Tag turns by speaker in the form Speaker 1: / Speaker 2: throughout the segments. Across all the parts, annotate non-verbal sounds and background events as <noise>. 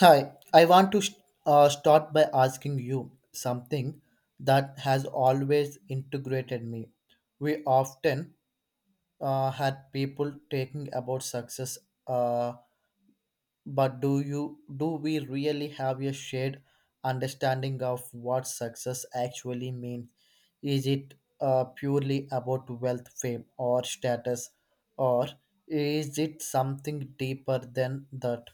Speaker 1: Hi, I want to start by asking you something that has always integrated me. We often had people talking about success, uh, but do we really have a shared understanding of what success actually means? Is it purely about wealth, fame, or status, or is it something deeper than that?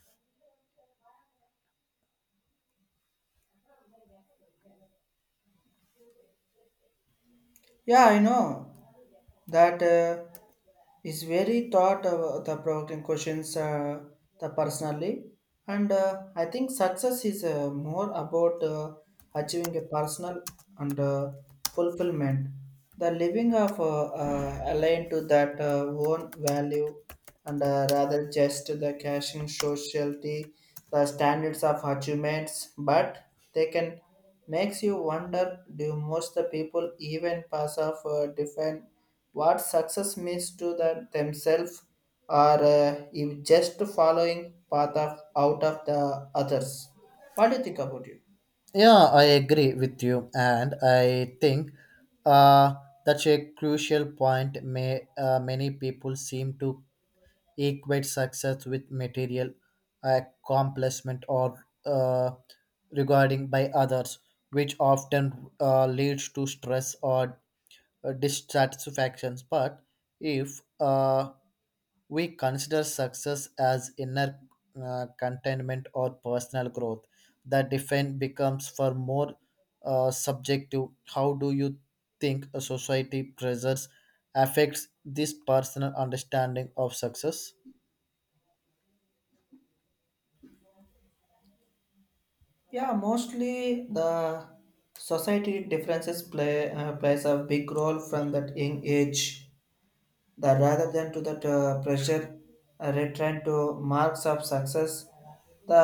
Speaker 2: Yeah, I know that is very thought of the provoking questions the personally, and I think success is more about achieving a personal and fulfillment, the living of aligned to that own value, and rather just the cashing sociality, the standards of achievements, but they can makes you wonder, do most the people even pass off define what success means to the, themselves or if just following path of out of the others? What do you think about it?
Speaker 1: Yeah, I agree with you, and I think uh, that's a crucial point. May Many people seem to equate success with material accomplishment or regarding by others, which often leads to stress or dissatisfactions. But if we consider success as inner contentment or personal growth. The define becomes for more subjective. How do you think a society pressures affects this personal understanding of success?
Speaker 2: Yeah, mostly the society differences plays a big role from that young age that rather than to that pressure return to marks of success, the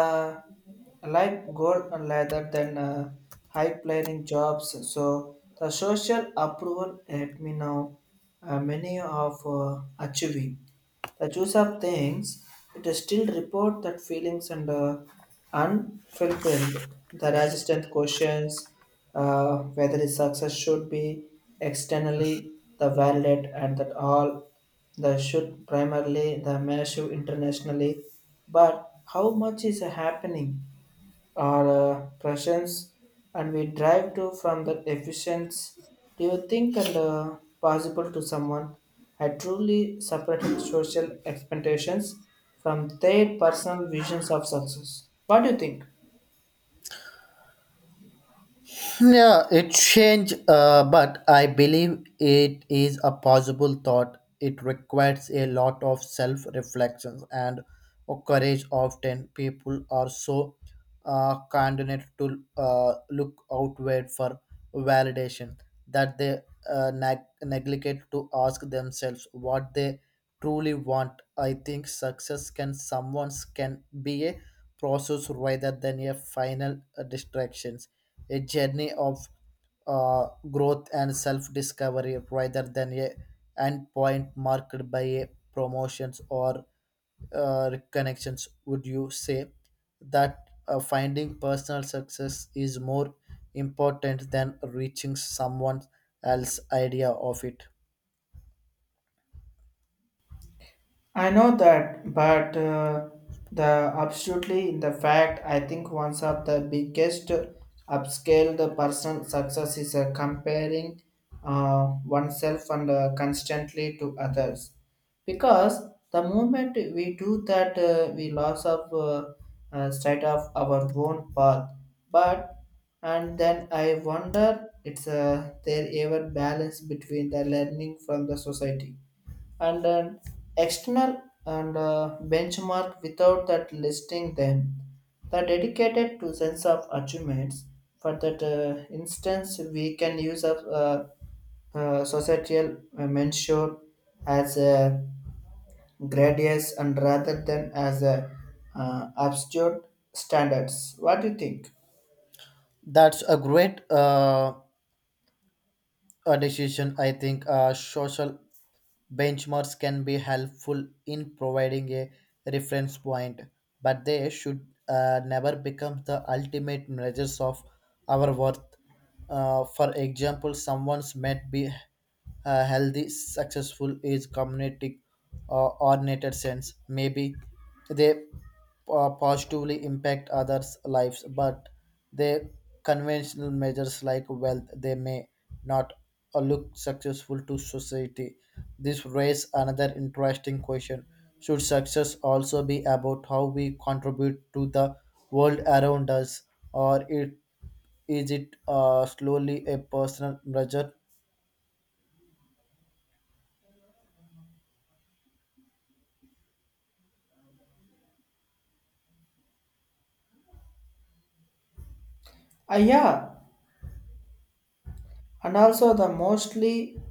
Speaker 2: life goal, and rather than high paying jobs, so the social approval helped me now many of achieving the choice of things, it is still report that feelings and unfulfilled. The resistance questions whether his success should be externally the valid and that all the should primarily the measure internationally, but how much is happening? Or pressions, and we drive to from that efficiency. Do you think, and possible to someone had truly separated social expectations from their personal visions of success? What do you think?
Speaker 1: Yeah, it changed, but I believe it is a possible thought. It requires a lot of self reflections and courage. Often, people are so conditioned to look outward for validation that they neglect to ask themselves what they truly want. I think success can someone's can be a process rather than a final distractions a journey of growth and self-discovery rather than a end point marked by a promotions or reconnections would you say that finding personal success is more important than reaching someone else's idea of it
Speaker 2: I know that, but the absolutely in the fact, I think one of the biggest upscale the personal success is comparing oneself and constantly to others, because the moment we do that, we loss of sight of our own path. But and then I wonder, it's there ever balance between the learning from the society and an external and benchmark without that listing them. The dedicated to sense of achievements. For that instance, we can use a societal mentor as a gradius, and rather than as a absolute standards. What do you think?
Speaker 1: that's a great a decision. I think social benchmarks can be helpful in providing a reference point, but they should never become the ultimate measures of our worth. For example, someone's might be healthy, successful, is community or nature sense. Maybe they positively impact others' lives, but their conventional measures like wealth they may not or look successful to society? This raises another interesting question. Should success also be about how we contribute to the world around us, or it is it slowly a personal measure?
Speaker 2: Ah, yeah, and also the mostly,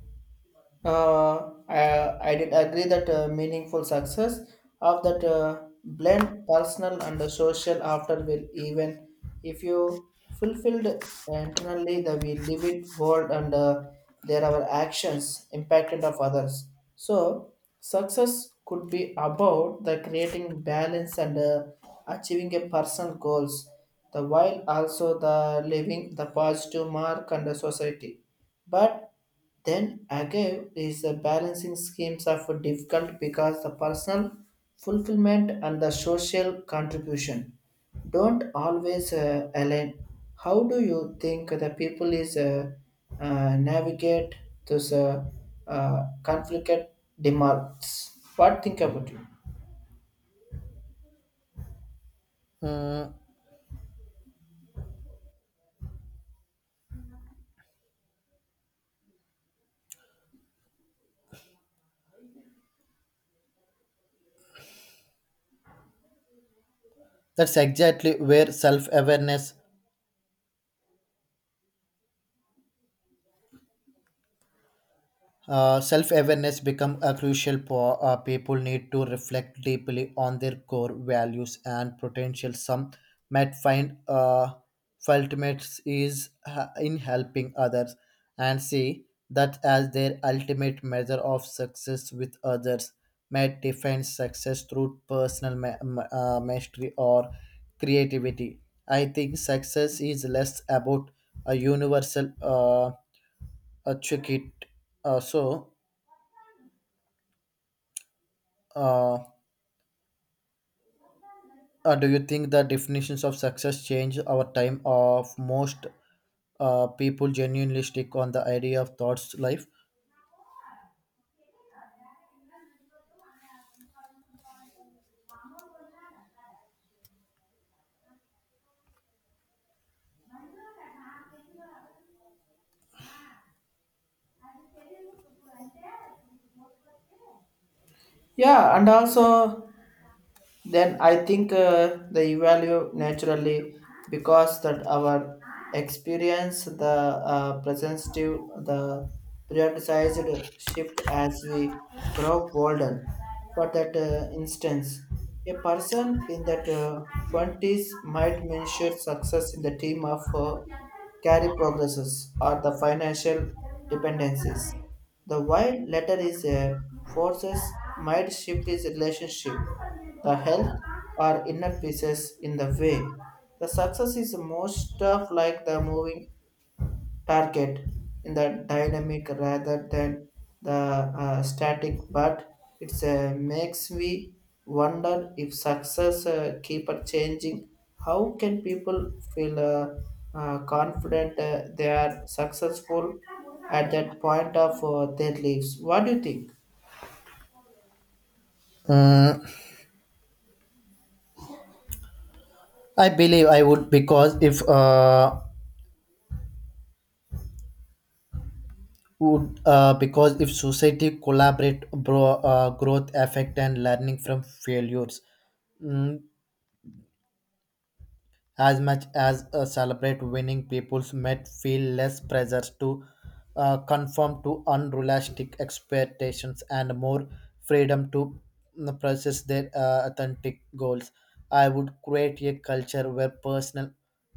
Speaker 2: I did agree that meaningful success of that blend personal and the social after will even if you fulfilled internally, the we live it world and there are actions impacted of others. So success could be about the creating balance and achieving a personal goals, the while also the living the positive mark and the society. But then again, is the balancing schemes are for difficult because the personal fulfillment and the social contribution don't always align. How do you think the people is navigate those conflict demands? What think about you?
Speaker 1: Mm, that's exactly where self-awareness become a crucial for people need to reflect deeply on their core values and potential some might find ultimate is in helping others and see that as their ultimate measure of success with others might define success through personal mastery or creativity. I think success is less about a universal achievement uh, so Uh, do you think the definitions of success change over time of most people genuinely stick on the idea of thoughts life?
Speaker 2: Yeah, and also, then I think they value naturally because that our experience, the presentive, the prioritized shift as we grow older. For that instance, a person in that 20s might measure success in the team of carry progresses or the financial dependencies. The while letter is a forces might shift his relationship, the health or inner pieces in the way. The success is most of like the moving target in the dynamic rather than the static, but it's makes me wonder if success keep on changing. How can people feel confident they are successful at that point of their lives? What do you think?
Speaker 1: Mm, I believe I would because if society collaborate bro, growth affect and learning from failures. Mm, as much as celebrate winning, peoples might feel less pressure to conform to unrealistic expectations and more freedom to process their authentic goals. I would create a culture where personal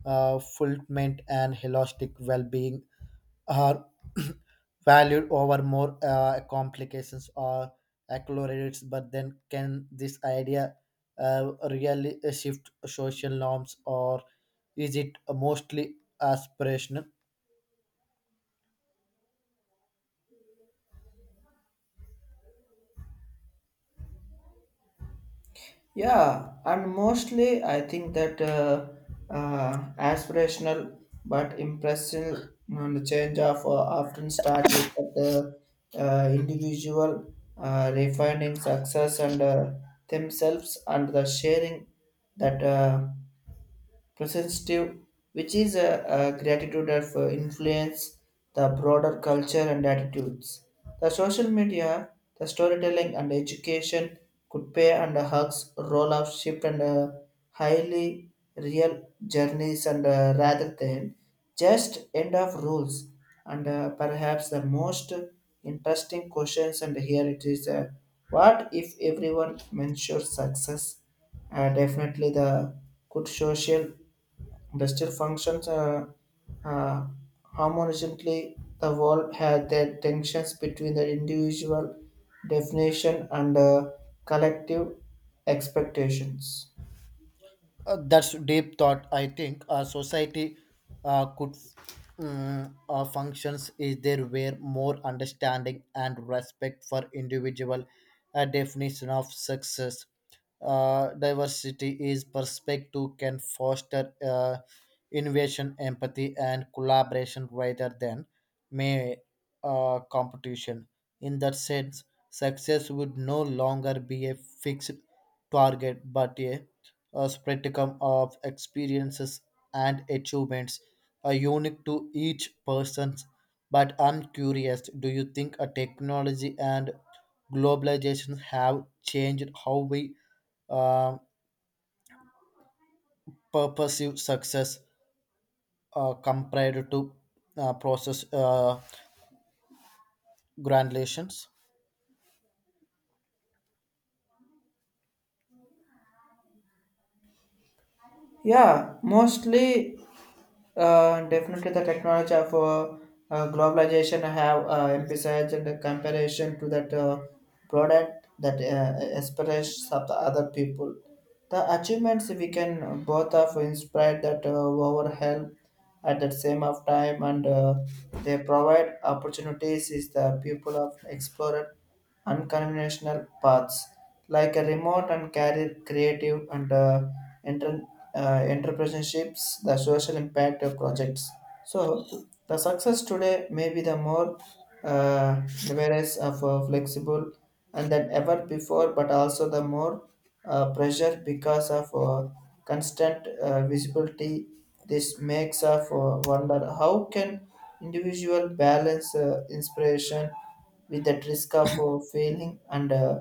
Speaker 1: fulfillment and holistic well-being are <clears throat> valued over more complications or accolades. But then can this idea really shift social norms or is it mostly aspirational?
Speaker 2: Yeah, and mostly I think that aspirational but impressive on the change of often start with the individual refining success and themselves and the sharing that. Presentative, which is a gratitude of influence the broader culture and attitudes. The social media, the storytelling and education could play and hugs role of shift and highly real journeys and rather than just end of rules, and perhaps the most interesting questions, and here it is what if everyone measures success definitely the good social Duster functions uh, harmoniously. The world had the tensions between the individual definition and collective expectations.
Speaker 1: That's deep thought. I think a society could functions is there where more understanding and respect for individual definition of success. Diversity is perspective can foster innovation, empathy, and collaboration rather than mere competition. In that sense, success would no longer be a fixed target but a spectrum of experiences and achievements are unique to each person. But I'm curious, do you think a technology and globalization have changed how we uh, pursue success compared to process granulations?
Speaker 2: Yeah, mostly, definitely, the technology of globalization have emphasized the comparison to that product, that aspirations of the other people. The achievements we can both of inspire that our help at the same of time, and they provide opportunities is the people of explorer unconventional paths, like a remote and career creative and enter, entrepreneurships, the social impact of projects. So the success today may be the more device of flexible and than ever before, but also the more pressure because of constant visibility. This makes us wonder how can individual balance inspiration with the risk of failing and uh,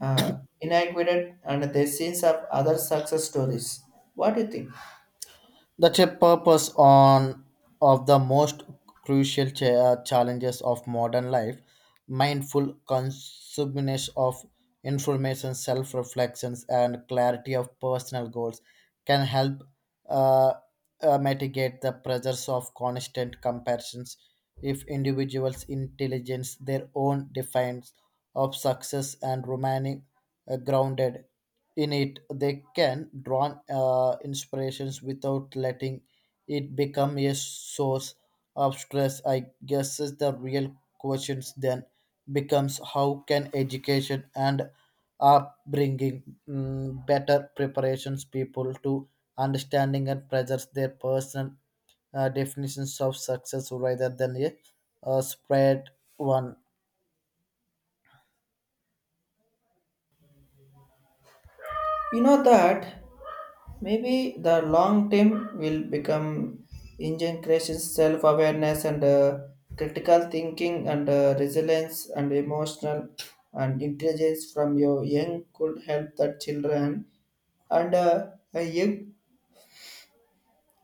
Speaker 2: uh, inadequate and the scenes of other success stories. What do you think?
Speaker 1: That's a purpose on of the most crucial challenges of modern life, mindful consumption of information, self-reflections, and clarity of personal goals can help uh, mitigate the pressures of constant comparisons. If individuals' intelligence, their own defines of success, and remaining grounded in it they can draw inspirations without letting it become a source of stress. I guess is the real question then becomes how can education and upbringing better preparations people to understanding and presents their personal definitions of success rather than a spread one.
Speaker 2: You know that, maybe the long term will become integration, self awareness, and critical thinking, and resilience, and emotional and intelligence from your young could help the children, and a young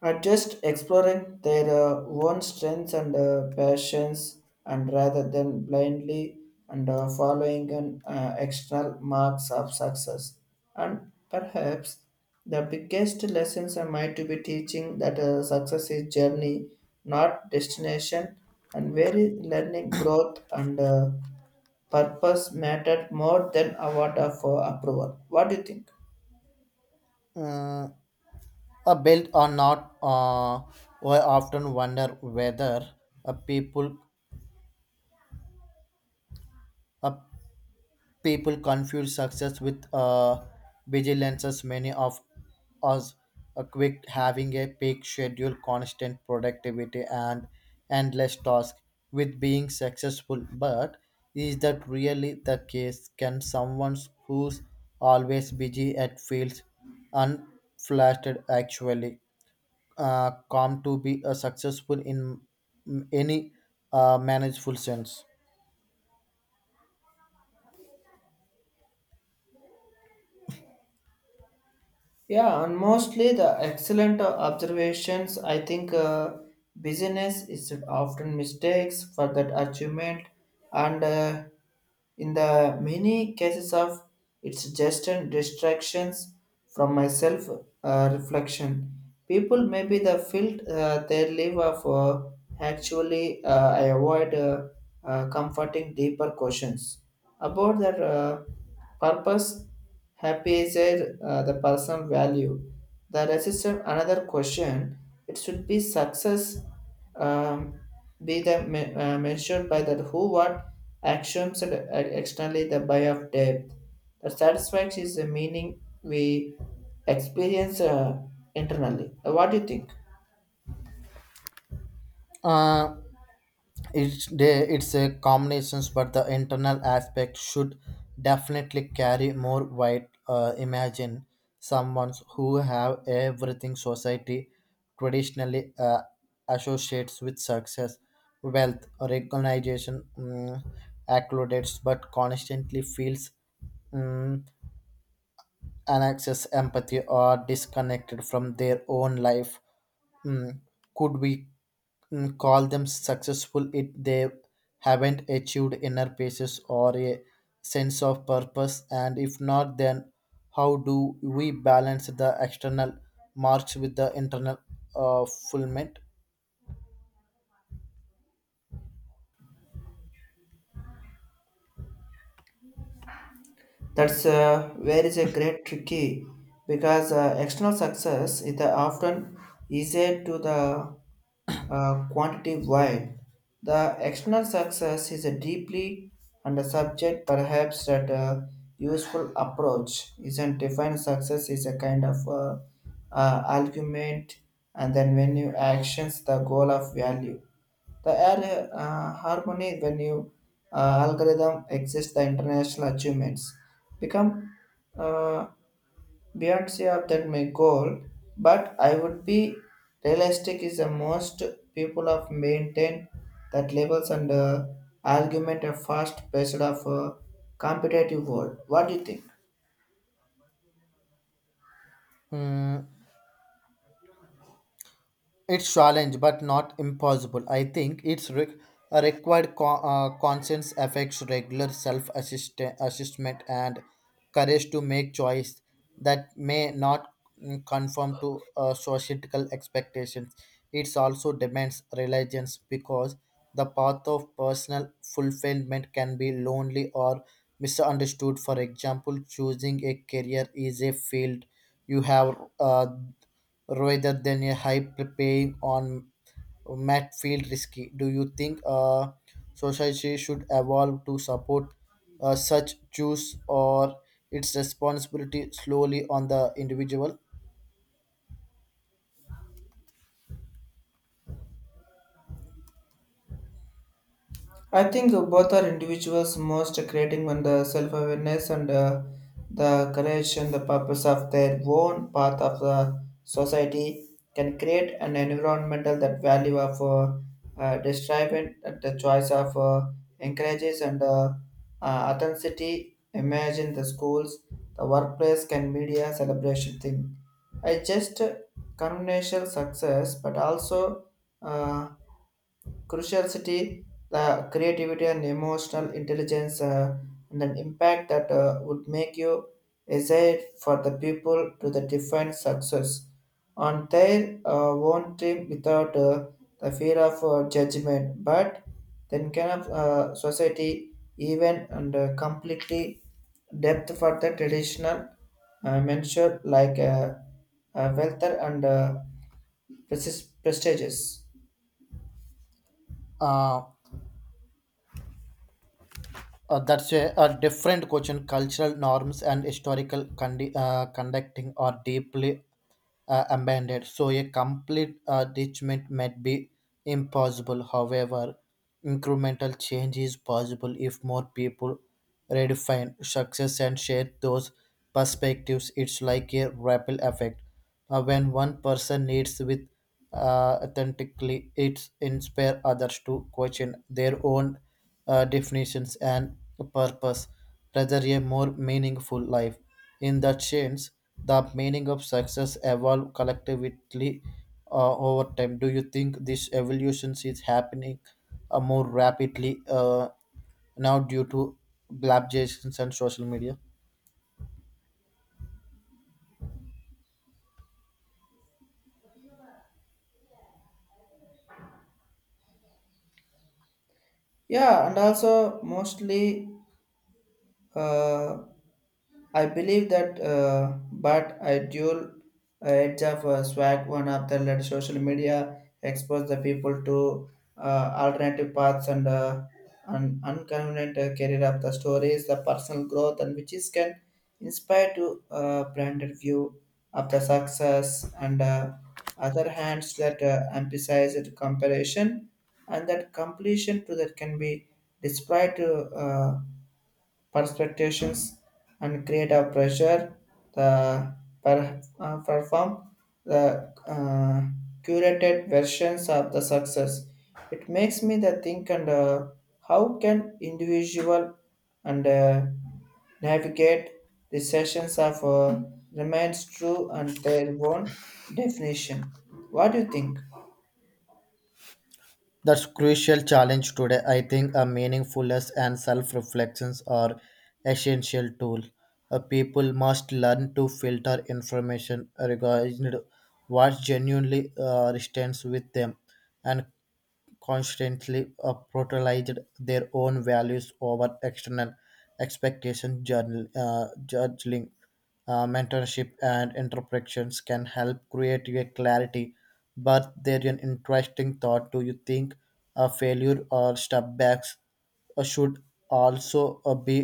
Speaker 2: are just exploring their own strengths and passions, and rather than blindly and following an external marks of success. And perhaps the biggest lessons I might to be teaching that success is journey, not destination, and very learning growth and purpose mattered more than award of approval. What do you think?
Speaker 1: Mm, a built or not, we often wonder whether a people a people confuse success with vigilance. Many of us a quick having a peak schedule, constant productivity, and endless task with being successful. But is that really the case? Can someone who's always busy at feels unflattered actually com to be successful in any manageful sense.
Speaker 2: Yeah, and mostly the excellent observations. I think business is often mistakes for that achievement, and in the many cases of it's just an distractions from myself reflection. People maybe the field they live of actually I avoid comforting deeper questions about their purpose. Happy is a, the personal value. The resistance, another question, it should be success um, be the measured by the who, what, actions, and externally the buy of depth. The satisfaction is the meaning we experience internally. What do you think?
Speaker 1: Uh, it's a combinations, but the internal aspect should definitely carry more weight. Imagine someone who have everything society traditionally associates with success, wealth, recognition, accolades, but constantly feels. mm And access empathy are disconnected from their own life. Mm, could we call them successful if they haven't achieved inner peace or a sense of purpose, and if not then how do we balance the external march with the internal fulfillment?
Speaker 2: That's where is a great tricky because external success is the often easier to the quantitative, while the external success is a deeply and a subject. Perhaps that a useful approach isn't defined success is a kind of argument, and then when you actions the goal of value, the harmony when you algorithm exists, the international achievements become uh, beyond CR that my goal, but I would be realistic is the most people have maintained that labels and argument are fast based of a competitive world. What do you think?
Speaker 1: Mm, it's challenge, but not impossible. I think a required conscience affects regular self assessment and courage to make choice that may not conform to societal expectations. It also demands reliance because the path of personal fulfillment can be lonely or misunderstood. For example, choosing a career is a field you have. Rather than a high paying on mat field risky. Do you think society should evolve to support such choose or its responsibility slowly on the individual?
Speaker 2: I think both are individuals most creating on the self-awareness and the courage and the purpose of their own path of the society can create an environmental that value of describing that the choice of encourages and uh, authenticity. Imagine the schools, the workplace, can media celebration thing. I just conventional success, but also. Uh, curiosity, the creativity and emotional intelligence, and an impact that would make you aside for the people to the define success on their own team without the fear of judgment. But then kind of society even and completely depth for the traditional mentioned like wealth and prestigious.
Speaker 1: Uh, that's a different question. Cultural norms and historical conducting are deeply abandoned, so a complete detachment might be impossible. However, incremental change is possible if more people redefine success and share those perspectives. It's like a ripple effect. When one person leads with authentically, it inspires others to question their own definitions and purpose rather a more meaningful life. In that sense, the meaning of success evolve collectively over time. Do you think this evolution is happening more rapidly now due to globalization and social media?
Speaker 2: Yeah, and also mostly uh, I believe that, but I dual edge of swag, one of the let social media expose the people to alternative paths, and an inconvenient career of the stories, the personal growth, and which is can inspire to branded view of the success, and other hands that emphasize it comparison and that completion to that can be displayed to. Uh, perspectives and create a pressure, the perform the curated versions of the success. It makes me the think and how can individual and navigate the sessions of remains true and their own definition. What do you think?
Speaker 1: That's crucial challenge today. I think a meaningfulness and self-reflections are essential tool. A people must learn to filter information regarding what genuinely resonates with them and constantly prioritized their own values over external expectation journal, judging mentorship and interpretations can help create a clarity. But they're an interesting thought, do you think a failure or setbacks should also be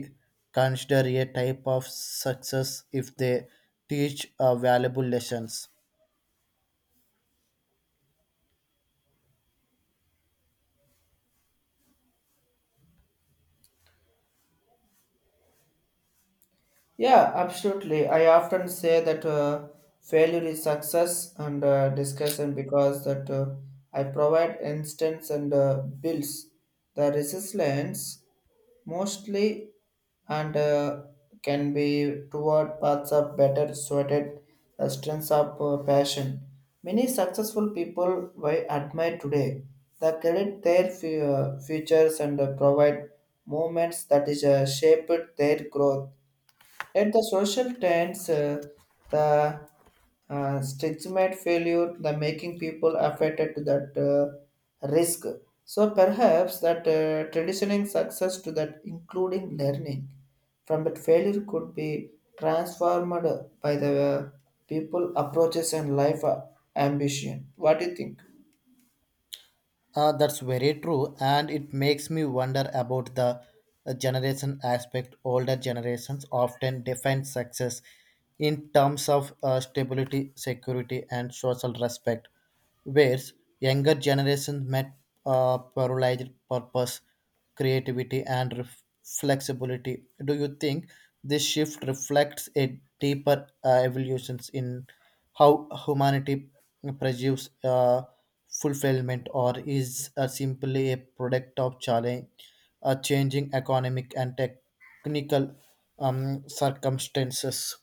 Speaker 1: considered a type of success if they teach valuable lessons?
Speaker 2: Yeah, absolutely. I often say that failure is success and discussion because that I provide instance and builds the resilience mostly, and can be toward paths of better suited the strengths of passion. Many successful people I admire today the credit their futures and provide movements that is shaped their growth. Yet the social trends, the stigmate failure, the making people affected to that risk. So perhaps that traditioning success to that including learning from that failure could be transformed by the people approaches and life ambition. What do you think?
Speaker 1: That's very true, and it makes me wonder about the generation aspect. Older generations often define success in terms of stability, security, and social respect, whereas younger generations met pluralized purpose creativity, and flexibility. Do you think this shift reflects a deeper evolutions in how humanity pursues fulfillment, or is simply a product of changing economic and technical circumstances?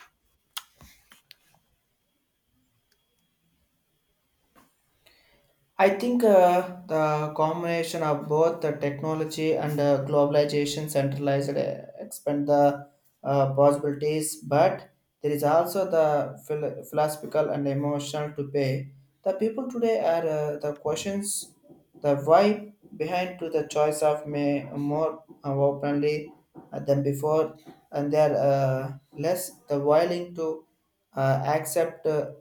Speaker 2: I think the combination of both the technology and globalization centralized expand the possibilities, but there is also the philosophical and emotional to pay. The people today are the questions, the why behind to the choice of may more openly than before, and they are less the willing to accept. Uh,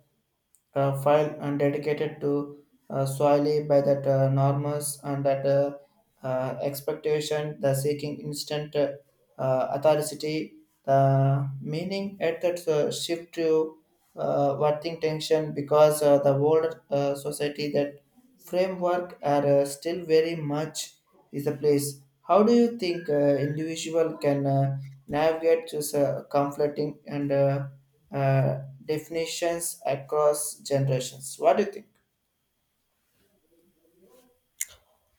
Speaker 2: uh, file and dedicated to solely by that norms and that expectation, the seeking instant authority, the meaning at that shift to working tension because the world society that framework are still very much is the place. How do you think individual can navigate this conflicting and uh, definitions across generations. What do you think?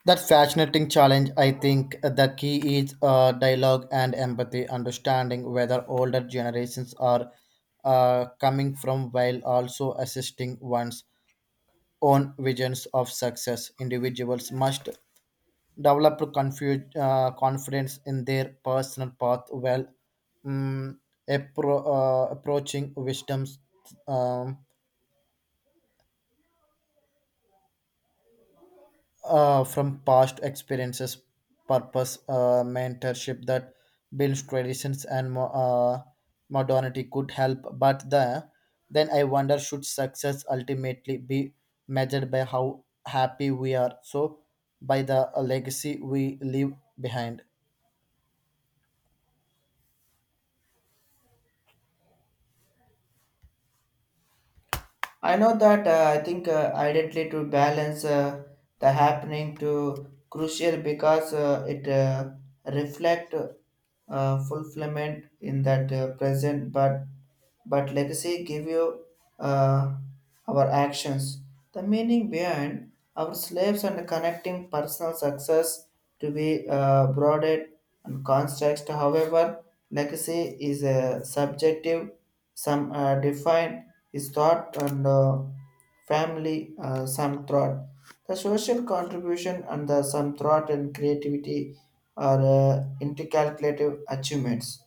Speaker 1: That fascinating challenge. I think the key is dialogue and empathy, understanding whether older generations are coming from while also assisting one's own visions of success. Individuals must develop confidence in their personal path while mm approaching wisdom's um, from past experiences, purpose, mentorship that builds traditions and modernity could help. But the then I wonder, should success ultimately be measured by how happy we are, so by the legacy we leave behind.
Speaker 2: I know that I think ideally to balance the happening to crucial because it reflect fulfillment in that present, but legacy give you uh, our actions, the meaning behind our slaves and connecting personal success to be broadened and context. However, legacy is a subjective, some are defined is thought and family, some thought. The social contribution and the some thought and creativity are intercalculative achievements.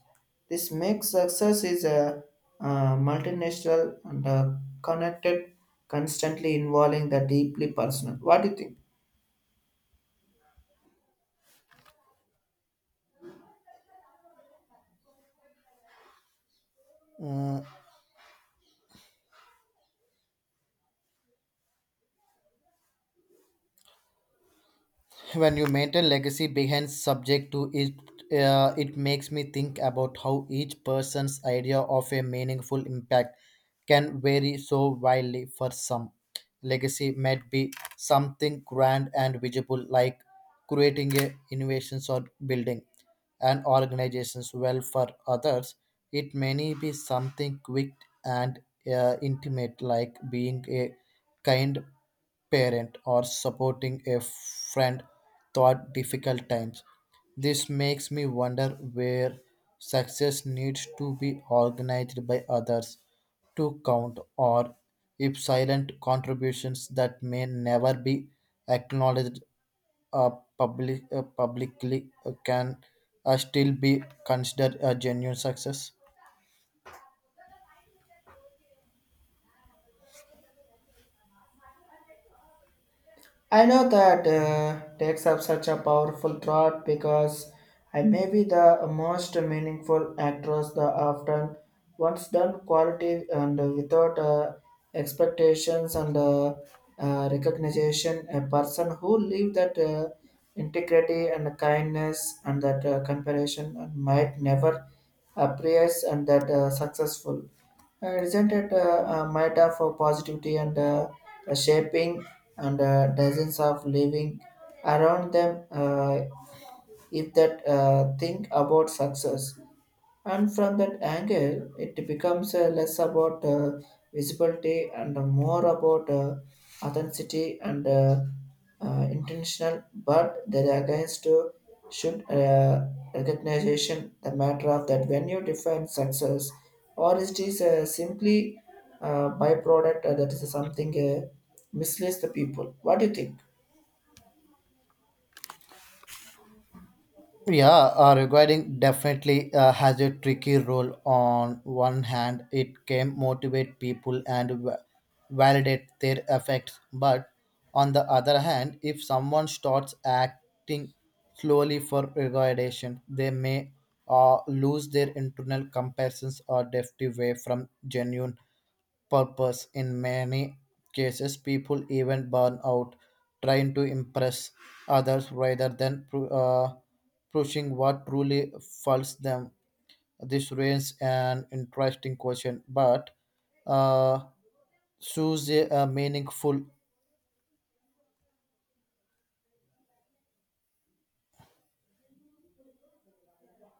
Speaker 2: This makes success is a multinational and connected, constantly involving the deeply personal. What do you think?
Speaker 1: Mm, when you maintain legacy behind subject to it it makes me think about how each person's idea of a meaningful impact can vary so wildly. For some legacy might be something grand and visible like creating a innovations or building an organization's well, for others it may be something quick and intimate like being a kind parent or supporting a friend through difficult times. This makes me wonder where success needs to be organized by others to count, or if silent contributions that may never be acknowledged uh, publicly can still be considered a genuine success.
Speaker 2: I know that takes up such a powerful thought, because I may be the most meaningful actress the often once done quality and without expectations and recognition. A person who live that integrity and kindness and that comparison and might never appears and that successful isn't it might have for positivity and the shaping and dozens of living around them. If that think about success and from that angle, it becomes less about visibility and more about authenticity and intentional, but there against to, should recognition the matter of that when you define success, or it is simply byproduct that is something misleads the people. What do you think?
Speaker 1: Yeah, regarding definitely has a tricky role. On one hand, it can motivate people and validate their effects, but on the other hand, if someone starts acting slowly for regardation, they may lose their internal comparisons or drift away from genuine purpose. In many cases, people even burn out trying to impress others rather than pushing what truly fulfills them. This raises an interesting question, but uh, shows a meaningful